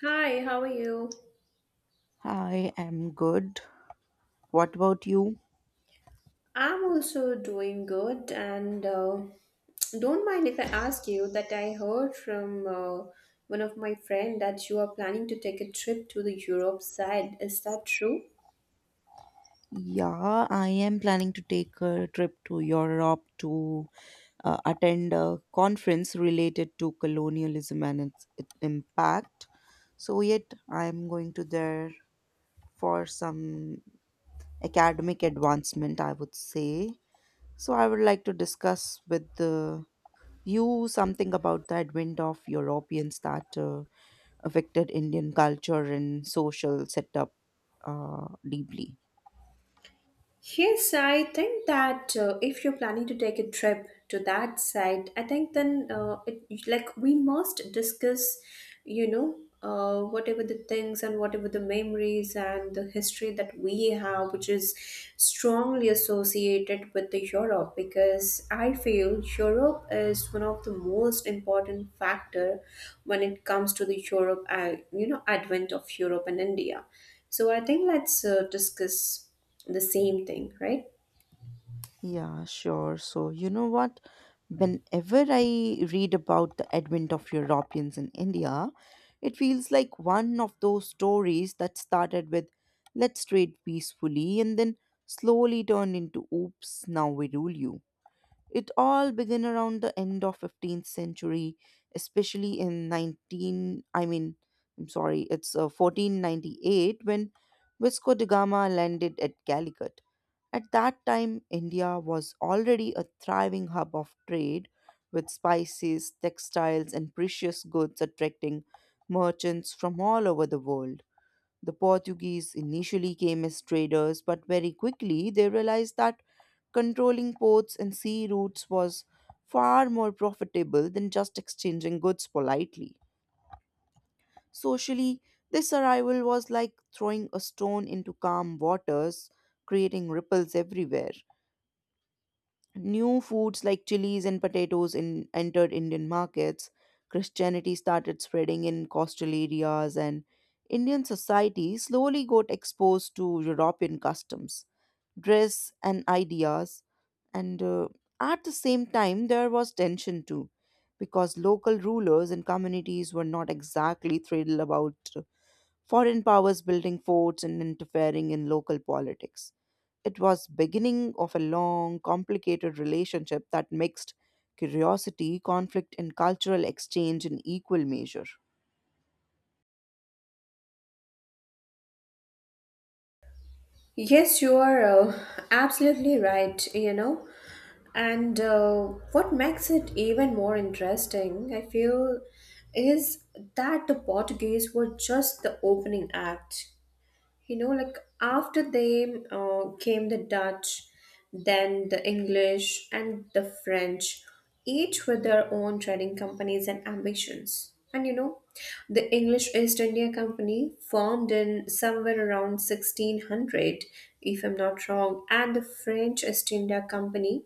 Hi, how are you? I am good. What about you? I'm also doing good, and don't mind if I ask you that I heard from one of my friend that you are planning to take a trip to the Europe side. Is that true? Yeah, I am planning to take a trip to Europe to attend a conference related to colonialism and its impact. So, yet, I am going to there for some academic advancement, I would say. So, I would like to discuss with you something about the advent of Europeans that affected Indian culture and social setup deeply. Yes, I think that if you're planning to take a trip to that site, I think then it, like we must discuss, you know, whatever the things and whatever the memories and the history that we have, which is strongly associated with the Europe, because I feel Europe is one of the most important factor when it comes to the Europe, advent of Europe and India. So I think let's discuss the same thing, right? Yeah, sure. So, you know what? Whenever I read about the advent of Europeans in India, it feels like one of those stories that started with let's trade peacefully and then slowly turned into oops, now we rule you. It all began around the end of 15th century, especially in 19 I mean I'm sorry, it's uh, 1498 when Vasco da Gama landed at Calicut. At that time, India was already a thriving hub of trade with spices, textiles, and precious goods attracting merchants from all over the world. The Portuguese initially came as traders, but very quickly they realized that controlling ports and sea routes was far more profitable than just exchanging goods politely. Socially, this arrival was like throwing a stone into calm waters, creating ripples everywhere. New foods like chilies and potatoes entered Indian markets. Christianity started spreading in coastal areas, and Indian society slowly got exposed to European customs dress, and ideas. And At the same time, there was tension too, because local rulers and communities were not exactly thrilled about foreign powers building forts and interfering in local politics. It was beginning of a long, complicated relationship that mixed curiosity, conflict, and cultural exchange in equal measure. Yes, you are absolutely right, you know. And What makes it even more interesting, I feel, is that the Portuguese were just the opening act. You know, like after them came the Dutch, then the English and the French, each with their own trading companies and ambitions. And you know, the English East India Company formed in somewhere around 1600, if I'm not wrong, and the French East India Company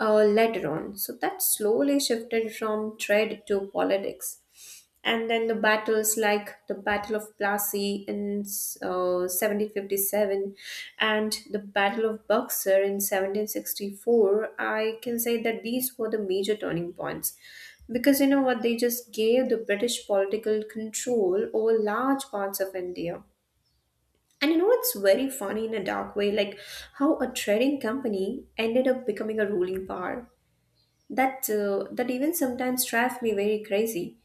later on, so that slowly shifted from trade to politics. And then the battles like the Battle of Plassey in 1757 and the Battle of Buxar in 1764, I can say that these were the major turning points. Because you know what, they just gave the British political control over large parts of India. And you know what's very funny in a dark way, like how a trading company ended up becoming a ruling power. That even sometimes drives me very crazy.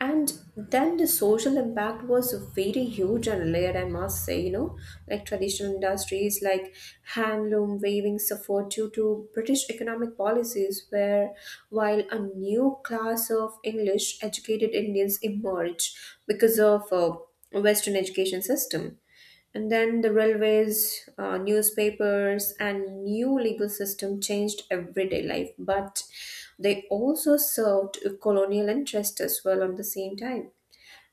And then the social impact was very huge and layered, I must say, you know, like traditional industries like handloom weaving suffered due to British economic policies, where while a new class of English educated Indians emerged because of western education system. And then the railways, newspapers, and new legal system changed everyday life, but they also served a colonial interest as well on the same time.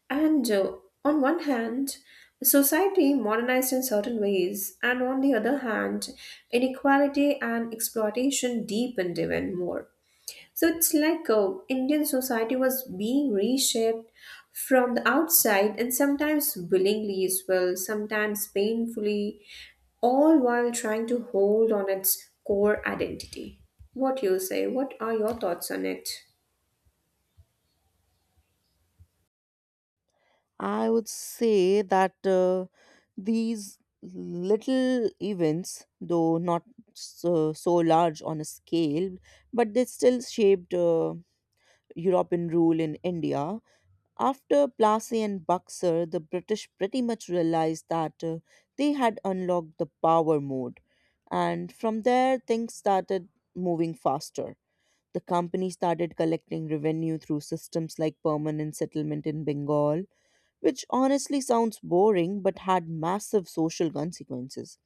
And On one hand, society modernized in certain ways, and on the other hand, inequality and exploitation deepened even more. So it's like Indian society was being reshaped from the outside and sometimes willingly as well, sometimes painfully, all while trying to hold on its core identity. What you say? What are your thoughts on it? I would say that these little events, though not so large on a scale, but they still shaped European rule in India. After Plassey and Buxar, the British pretty much realized that they had unlocked the power mode. And from there, things started moving faster. The company started collecting revenue through systems like permanent settlement in Bengal, which honestly sounds boring but had massive social consequences.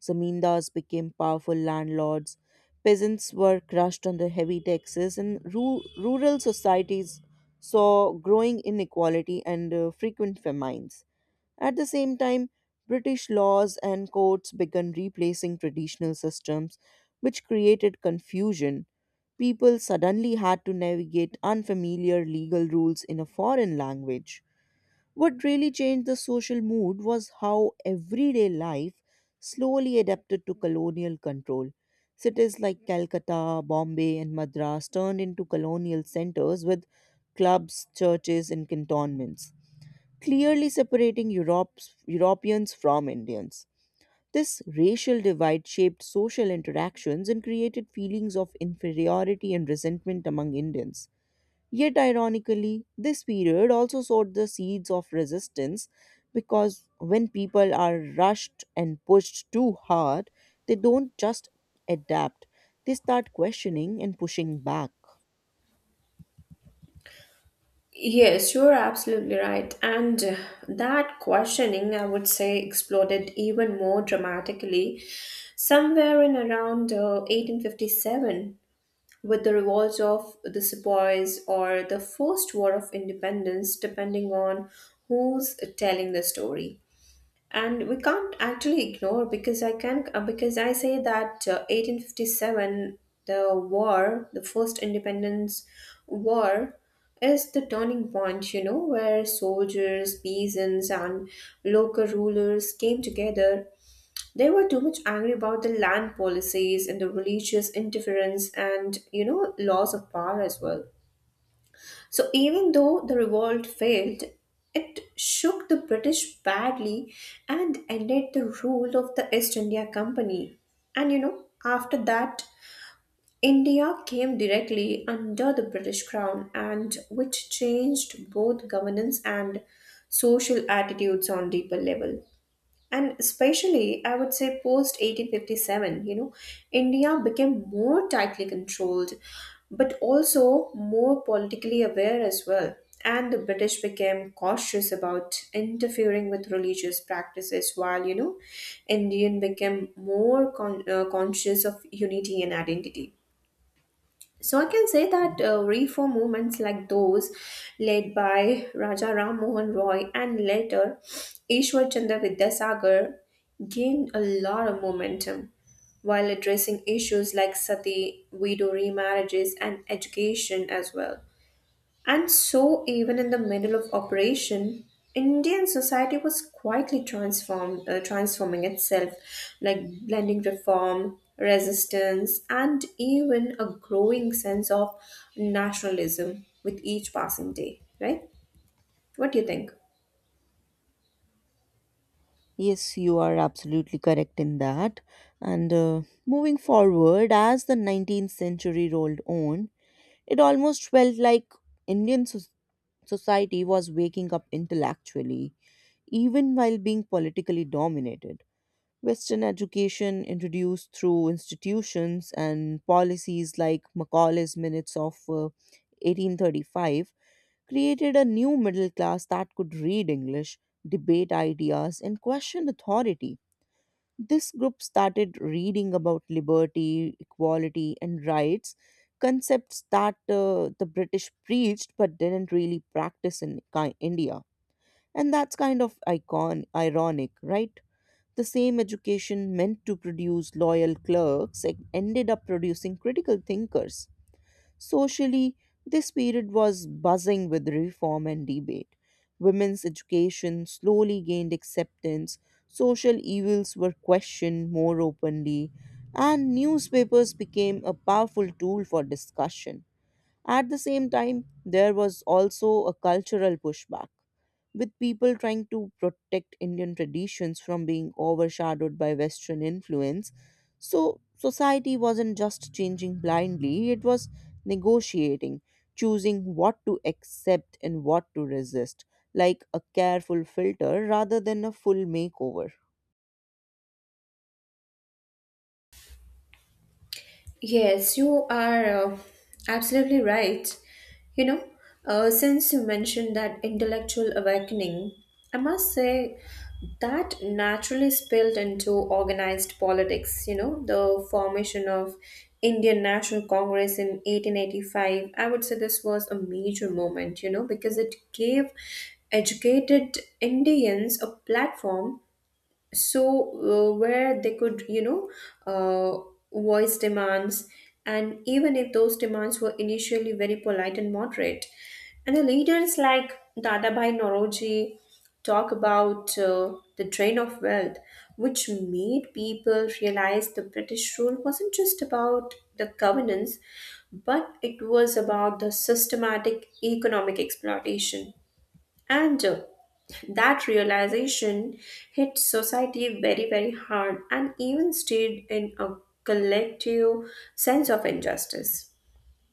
Zamindars became powerful landlords, peasants were crushed under heavy taxes, and rural societies saw growing inequality and frequent famines. At the same time, British laws and courts began replacing traditional systems, which created confusion. People suddenly had to navigate unfamiliar legal rules in a foreign language. What really changed the social mood was how everyday life slowly adapted to colonial control. Cities like Calcutta, Bombay, and Madras turned into colonial centers with clubs, churches, and cantonments, clearly separating Europeans from Indians. This racial divide shaped social interactions and created feelings of inferiority and resentment among Indians. Yet, ironically, this period also sowed the seeds of resistance because when people are rushed and pushed too hard, they don't just adapt, they start questioning and pushing back. Yes, you're absolutely right. And That questioning, I would say, exploded even more dramatically somewhere in around 1857 with the revolts of the Sepoys or the First War of Independence, depending on who's telling the story. And we can't actually ignore, because I can because I say that 1857, the war, the first independence war, is the turning point. You know, where soldiers, peasants, and local rulers came together, they were too much angry about the land policies and the religious interference and, you know, loss of power as well. So even though the revolt failed, it shook the British badly and ended the rule of the East India Company. And, you know, after that, India came directly under the British crown, and which changed both governance and social attitudes on deeper level. And especially, I would say, post 1857, you know, India became more tightly controlled, but also more politically aware as well. And the British became cautious about interfering with religious practices, while, you know, Indian became more conscious of unity and identity. So I can say that reform movements like those led by Raja Ram Mohan Roy and later Ishwar Chandra Vidyasagar gained a lot of momentum while addressing issues like sati, widow remarriages, and education as well. And so, even in the middle of operation, Indian society was quietly transforming itself, like blending reform, resistance, and even a growing sense of nationalism with each passing day. Right? What do you think? Yes, you are absolutely correct in that. And Moving forward, as the 19th century rolled on, it almost felt like Indian society was waking up intellectually, even while being politically dominated. Western education introduced through institutions and policies like Macaulay's Minutes of 1835 created a new middle class that could read English, debate ideas, and question authority. This group started reading about liberty, equality, and rights, concepts that the British preached but didn't really practice in India. And that's kind of icon ironic, right? The same education meant to produce loyal clerks ended up producing critical thinkers. Socially, this period was buzzing with reform and debate. Women's education slowly gained acceptance, social evils were questioned more openly, and newspapers became a powerful tool for discussion. At the same time, there was also a cultural pushback with people trying to protect Indian traditions from being overshadowed by Western influence. So, society wasn't just changing blindly, it was negotiating, choosing what to accept and what to resist, like a careful filter rather than a full makeover. Yes, you are absolutely right. You know, since you mentioned that intellectual awakening, I must say that naturally spilled into organized politics. You know, the formation of Indian National Congress in 1885. I would say this was a major moment, you know, because it gave educated Indians a platform, where they could uh, voice demands. And even if those demands were initially very polite and moderate, and the leaders like Dadabhai Naroji talk about the drain of wealth, which made people realize the British rule wasn't just about the governance, but it was about the systematic economic exploitation. And That realization hit society very, very hard and even stayed in a collective sense of injustice.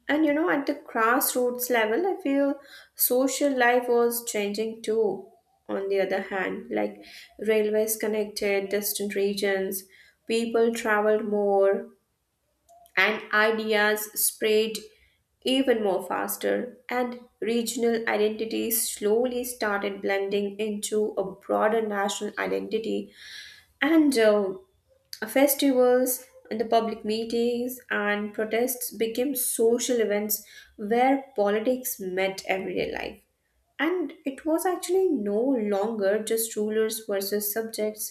And you know, at the grassroots level, I feel social life was changing too. On the other hand, like railways connected distant regions, people traveled more, and ideas spread even more faster, and regional identities slowly started blending into a broader national identity. And Festivals and the public meetings and protests became social events where politics met everyday life, and it was actually no longer just rulers versus subjects,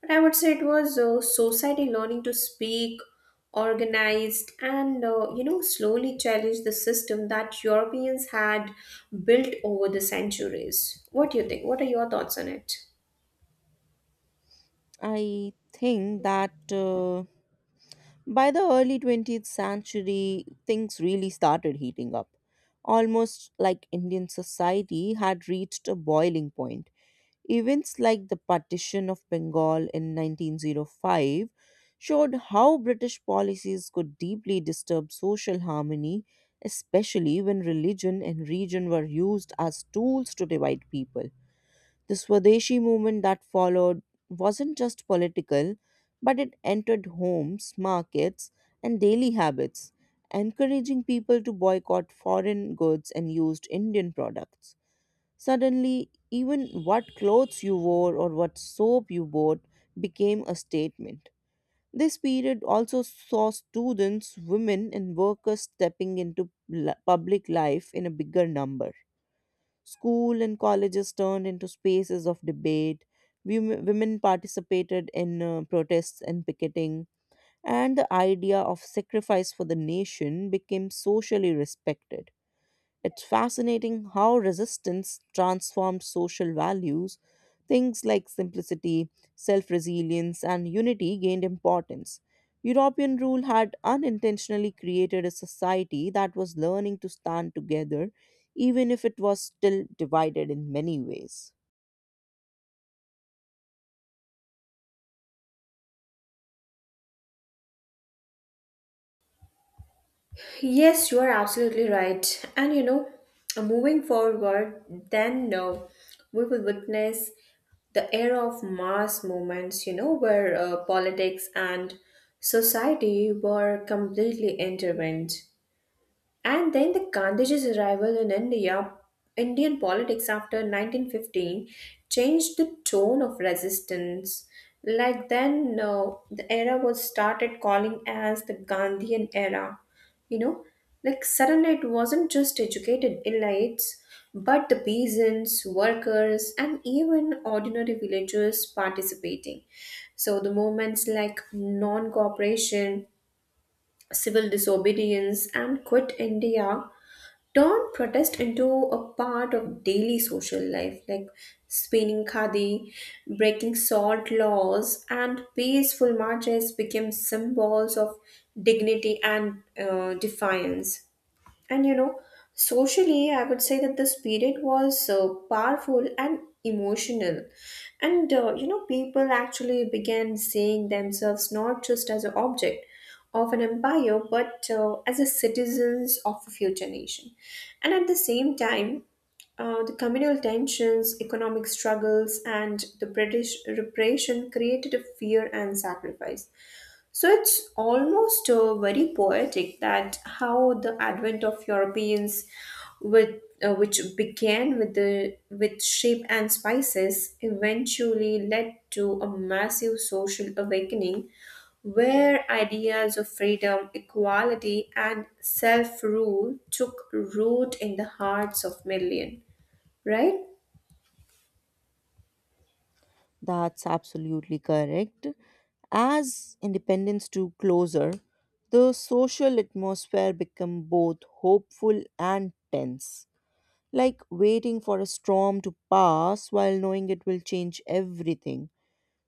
but I would say it was society learning to speak organized and, you know, slowly challenge the system that Europeans had built over the centuries. What do you think? What are your thoughts on it? I think that by the early 20th century, things really started heating up. Almost like Indian society had reached a boiling point. Events like the partition of Bengal in 1905 showed how British policies could deeply disturb social harmony, especially when religion and region were used as tools to divide people. The Swadeshi movement that followed wasn't just political, but it entered homes, markets, and daily habits, encouraging people to boycott foreign goods and used Indian products. Suddenly, even what clothes you wore or what soap you bought became a statement. This period also saw students, women, and workers stepping into public life in a bigger number. School and colleges turned into spaces of debate. Women participated in protests and picketing, and the idea of sacrifice for the nation became socially respected. It's fascinating how resistance transformed social values. Things like simplicity, self resilience, and unity gained importance. European rule had unintentionally created a society that was learning to stand together, even if it was still divided in many ways. Yes, you are absolutely right. And you know, moving forward, then no, we will witness the era of mass movements, you know, where politics and society were completely intertwined. And then the Gandhiji's arrival in India, Indian politics after 1915 changed the tone of resistance. Like then, the era was started calling as the Gandhian era. You know, like suddenly it wasn't just educated elites, but the peasants, workers, and even ordinary villagers participating. So the movements like non cooperation, civil disobedience, and Quit India turned protest into a part of daily social life, like spinning khadi, breaking salt laws, and peaceful marches became symbols of dignity and defiance. And you know, socially, I would say that the spirit was powerful and emotional. And You know, people actually began seeing themselves not just as an object of an empire, but as a citizens of a future nation. And at the same time, the communal tensions, economic struggles, and the British repression created a fear and sacrifice. So it's almost very poetic that how the advent of Europeans, with which began with the with sheep and spices, eventually led to a massive social awakening, where ideas of freedom, equality, and self rule took root in the hearts of millions. Right? That's absolutely correct. As independence drew closer, the social atmosphere became both hopeful and tense, like waiting for a storm to pass while knowing it will change everything.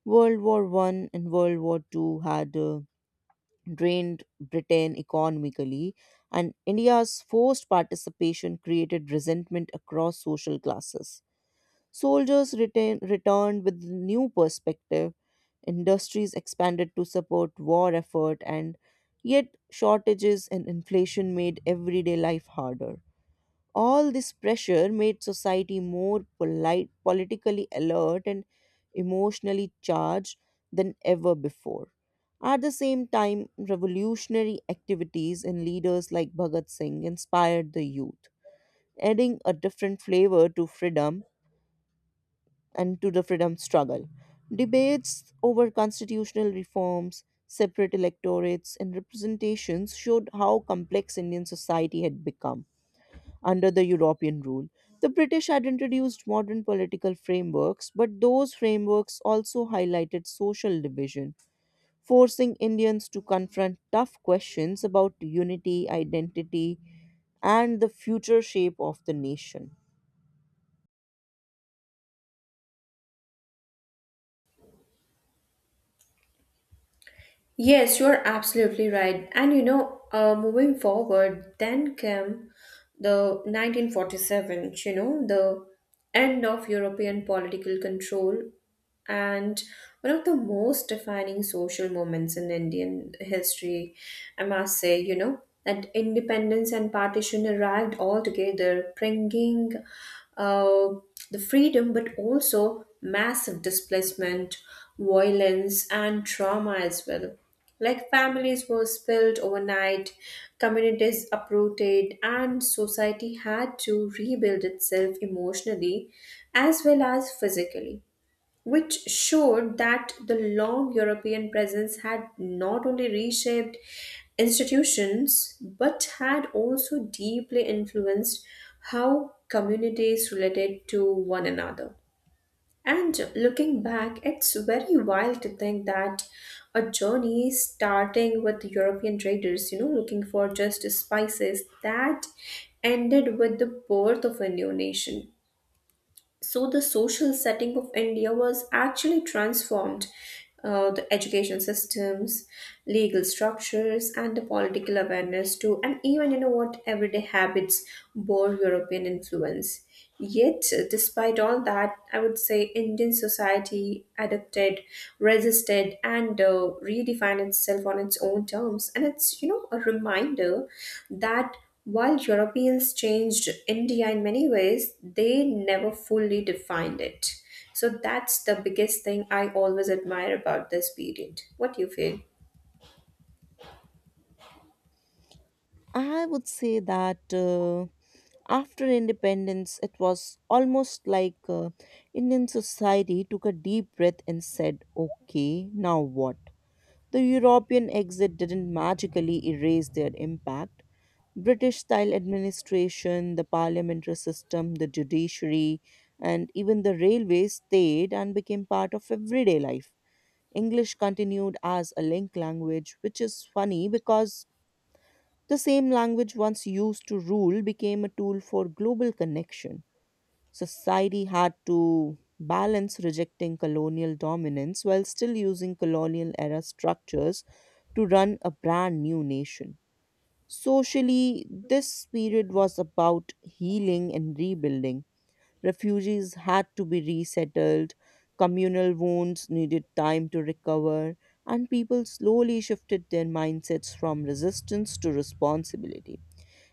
World War One and World War Two had drained Britain economically, and India's forced participation created resentment across social classes. Soldiers returned with new perspective, industries expanded to support war effort, and yet shortages and inflation made everyday life harder. All this pressure made society more polite, politically alert, and emotionally charged than ever before. At the same time, revolutionary activities and leaders like Bhagat Singh inspired the youth, adding a different flavor to freedom and to the freedom struggle. Debates over constitutional reforms, separate electorates, and representations showed how complex Indian society had become under the European rule. The British had introduced modern political frameworks, but those frameworks also highlighted social division, forcing Indians to confront tough questions about unity, identity, and the future shape of the nation. Yes, you're absolutely right. And you know, moving forward, then came the 1947, you know, the end of European political control and one of the most defining social moments in Indian history, I must say, you know, that independence and partition arrived all together, bringing uh, the freedom but also massive displacement, violence, and trauma as well. Like families were spilled overnight, communities uprooted, and society had to rebuild itself emotionally as well as physically, which showed that the long European presence had not only reshaped institutions but had also deeply influenced how communities related to one another. And looking back, it's very wild to think that a journey starting with European traders, you know, looking for just spices, that ended with the birth of a new nation. So the social setting of India was actually transformed. The education systems, legal structures, and the political awareness too, and even you know what everyday habits bore European influence. Yet, despite all that, I would say Indian society adapted, resisted, and redefined itself on its own terms. And it's, you know, a reminder that while Europeans changed India in many ways, they never fully defined it. So that's the biggest thing I always admire about this period. What do you feel? I would say that after independence, it was almost like Indian society took a deep breath and said, okay, now what? The European exit didn't magically erase their impact. British style administration, the parliamentary system, the judiciary, and even the railways stayed and became part of everyday life. English continued as a link language, which is funny because the same language once used to rule became a tool for global connection. Society had to balance rejecting colonial dominance while still using colonial era structures to run a brand new nation. Socially, this period was about healing and rebuilding. Refugees had to be resettled, communal wounds needed time to recover, and people slowly shifted their mindsets from resistance to responsibility.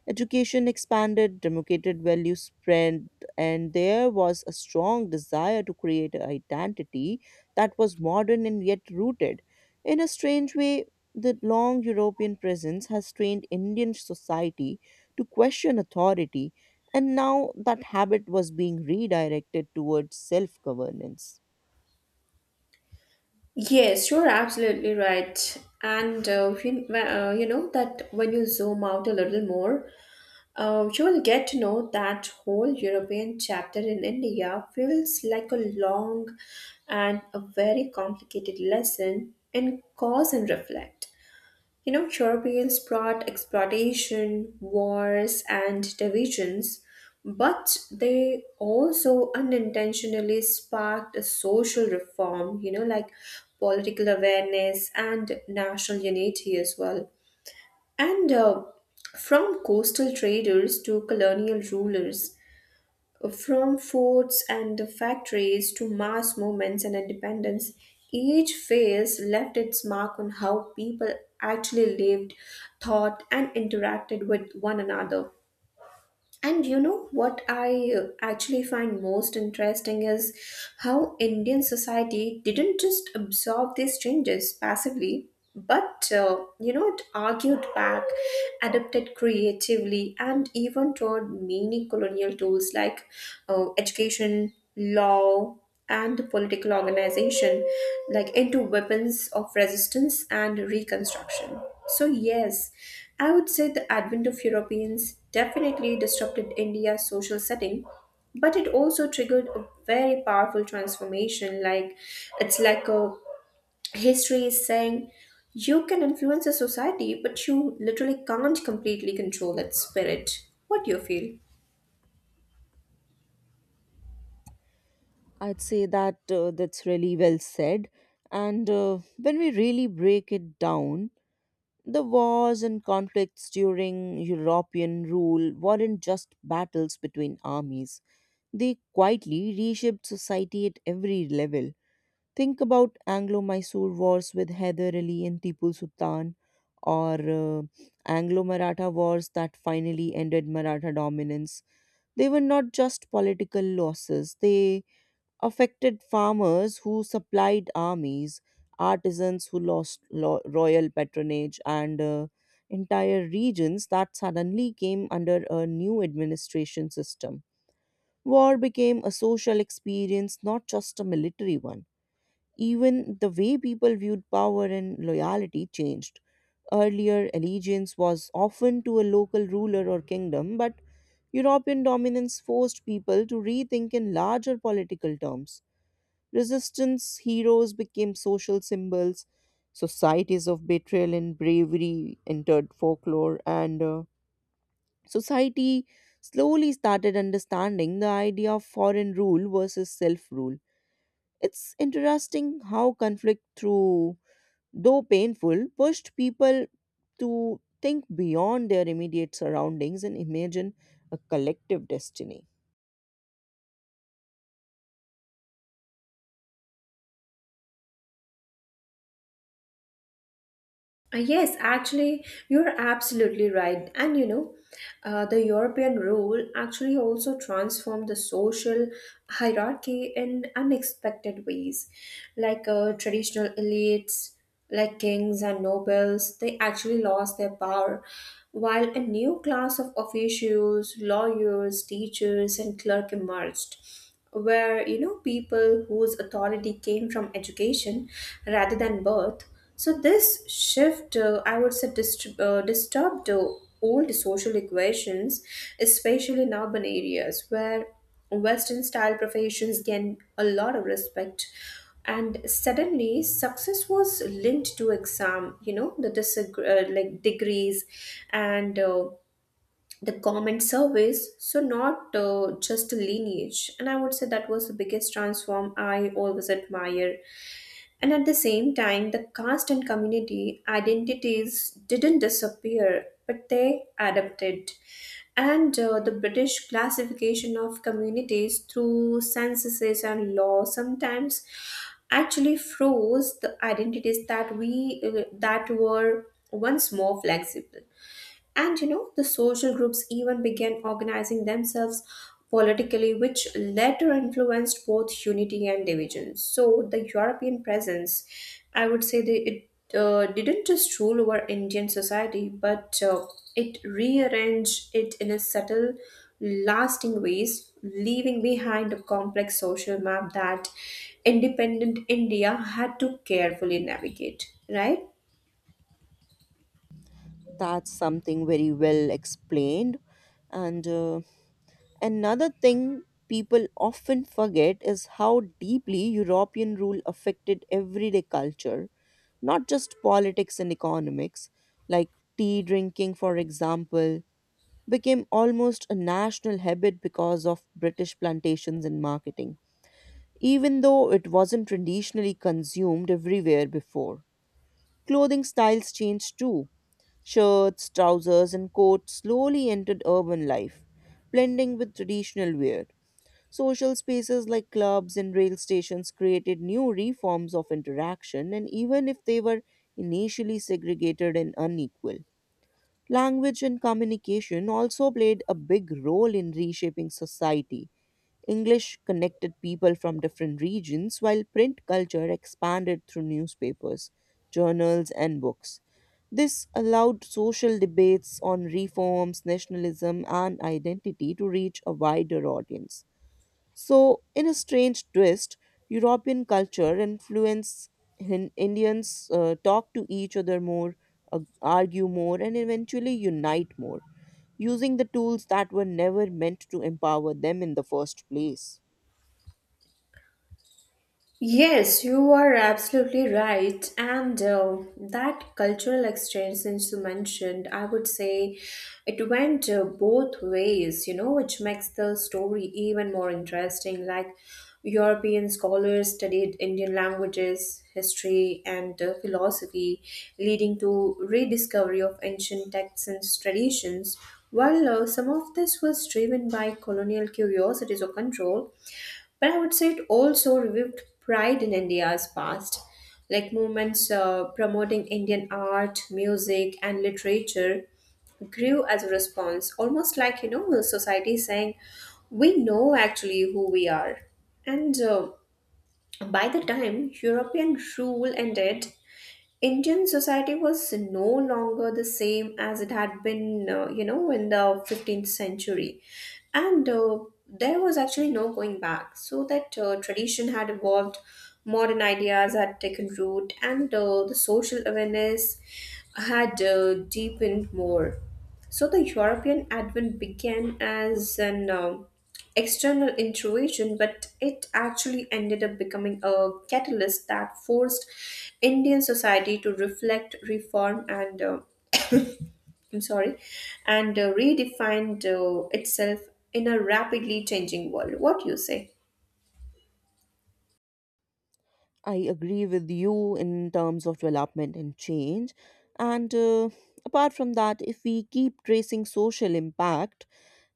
Education expanded, democratic values spread, and there was a strong desire to create an identity that was modern and yet rooted. In a strange way, the long European presence has trained Indian society to question authority, and now that habit was being redirected towards self governance. Yes, you're absolutely right. And you know that when you zoom out a little more, you will get to know that whole European chapter in India feels like a long and a very complicated lesson in cause and reflect. You know, Europeans brought exploitation, wars, and divisions, but they also unintentionally sparked a social reform, you know, like political awareness and national unity as well. And From coastal traders to colonial rulers, from forts and the factories to mass movements and independence, each phase left its mark on how people actually lived, thought, and interacted with one another. And you know what I actually find most interesting is how Indian society didn't just absorb these changes passively, but, you know, it argued back, adapted creatively, and even taught many colonial tools like education, law, and political organization like into weapons of resistance and reconstruction. So yes, I would say the advent of Europeans definitely disrupted India's social setting, but it also triggered a very powerful transformation. Like it's like a, history is saying, you can influence a society but you literally can't completely control its spirit. What do you feel? I'd say that that's really well said. And When we really break it down, the wars and conflicts during European rule weren't just battles between armies. They quietly reshaped society at every level. Think about Anglo-Mysore wars with Hyder Ali and Tipu Sultan or Anglo-Maratha wars that finally ended Maratha dominance. They were not just political losses. They affected farmers who supplied armies, artisans who lost royal patronage, and entire regions that suddenly came under a new administration system. War became a social experience, not just a military one. Even the way people viewed power and loyalty changed. Earlier, allegiance was often to a local ruler or kingdom, but European dominance forced people to rethink in larger political terms. Resistance heroes became social symbols. Societies of betrayal and bravery entered folklore, and society slowly started understanding the idea of foreign rule versus self rule. It's interesting how conflict, through though painful, pushed people to think beyond their immediate surroundings and imagine a collective destiny. Yes, actually, you're absolutely right. And you know, the European rule actually also transformed the social hierarchy in unexpected ways. Like traditional elites, like kings and nobles, they actually lost their power, while a new class of officials, lawyers, teachers, and clerk emerged, where you know people whose authority came from education rather than birth. So this shift, I would say, disturbed old social equations, especially in urban areas where western style professions gain a lot of respect. And suddenly success was linked to exam, you know, the disagree like degrees and, the common service, so not just lineage. And I would say that was the biggest transform I always admire. And at the same time, the caste and community identities didn't disappear but they adapted. And The British classification of communities through censuses and law sometimes actually froze the identities that we that were once more flexible. And you know, the social groups even began organizing themselves politically, which later influenced both unity and division. So, the European presence, I would say, that it didn't just rule over Indian society, but it rearranged it in a subtle, lasting ways, leaving behind a complex social map that independent India had to carefully navigate, right? That's something very well explained and Another thing people often forget is how deeply European rule affected everyday culture, not just politics and economics, like tea drinking, for example, became almost a national habit because of British plantations and marketing, even though it wasn't traditionally consumed everywhere before. Clothing styles changed too. Shirts, trousers, and coats slowly entered urban life, blending with traditional wear. Social spaces like clubs and rail stations created new reforms of interaction, and even if they were initially segregated and unequal, language and communication also played a big role in reshaping society. English connected people from different regions, while print culture expanded through newspapers, journals, and books. This allowed social debates on reforms, nationalism, and identity to reach a wider audience. So, in a strange twist, European culture influence Indians talk to each other more, argue more, and eventually unite more, using the tools that were never meant to empower them in the first place. Yes, you are absolutely right. And That cultural exchange, since you mentioned, I would say it went both ways, you know, which makes the story even more interesting. Like, European scholars studied Indian languages, history, and philosophy, leading to rediscovery of ancient texts and traditions. While some of this was driven by colonial curiosities or control, but I would say it also revived pride in India's past, like movements promoting Indian art, music, and literature grew as a response, almost like you know society saying, "We know actually who we are." And By the time European rule ended, Indian society was no longer the same as it had been, you know, in the 15th century. And There was actually no going back. So that tradition had evolved, modern ideas had taken root, and the social awareness had deepened more. So the European Advent began as an external intrusion, but it actually ended up becoming a catalyst that forced Indian society to reflect, reform, I'm sorry, and redefined itself in a rapidly changing world. What do you say? I agree with you in terms of development and change. And Apart from that, if we keep tracing social impact,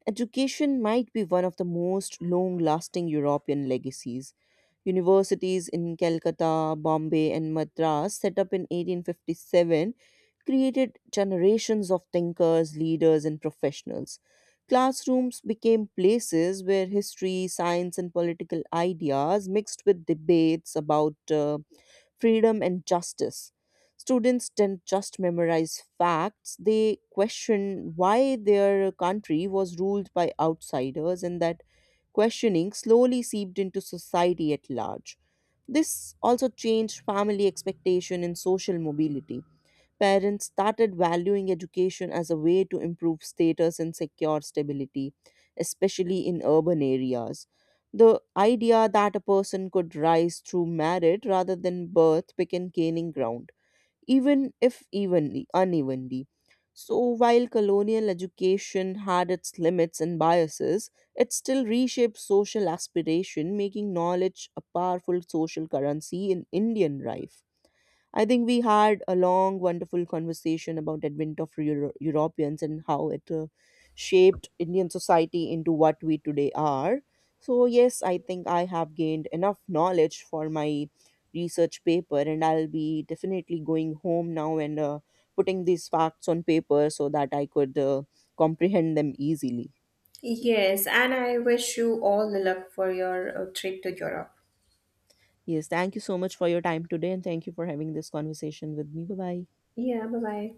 education might be one of the most long lasting European legacies. Universities in Calcutta, Bombay, and Madras, set up in 1857, created generations of thinkers, leaders, and professionals. Classrooms became places where history, science, and political ideas mixed with debates about freedom and justice. Students didn't just memorize facts, they questioned why their country was ruled by outsiders, and that questioning slowly seeped into society at large. This also changed family expectation and social mobility. Parents started valuing education as a way to improve status and secure stability, especially in urban areas. The idea that a person could rise through merit rather than birth began gaining ground, even if unevenly. So, while colonial education had its limits and biases, it still reshaped social aspiration, making knowledge a powerful social currency in Indian life. I think we had a long, wonderful conversation about advent of Europeans and how it shaped Indian society into what we today are. So yes, I think I have gained enough knowledge for my research paper, and I'll be definitely going home now and putting these facts on paper so that I could comprehend them easily. Yes, and I wish you all the luck for your trip to Europe. Yes, thank you so much for your time today, and thank you for having this conversation with me. Bye bye. Yeah, bye bye.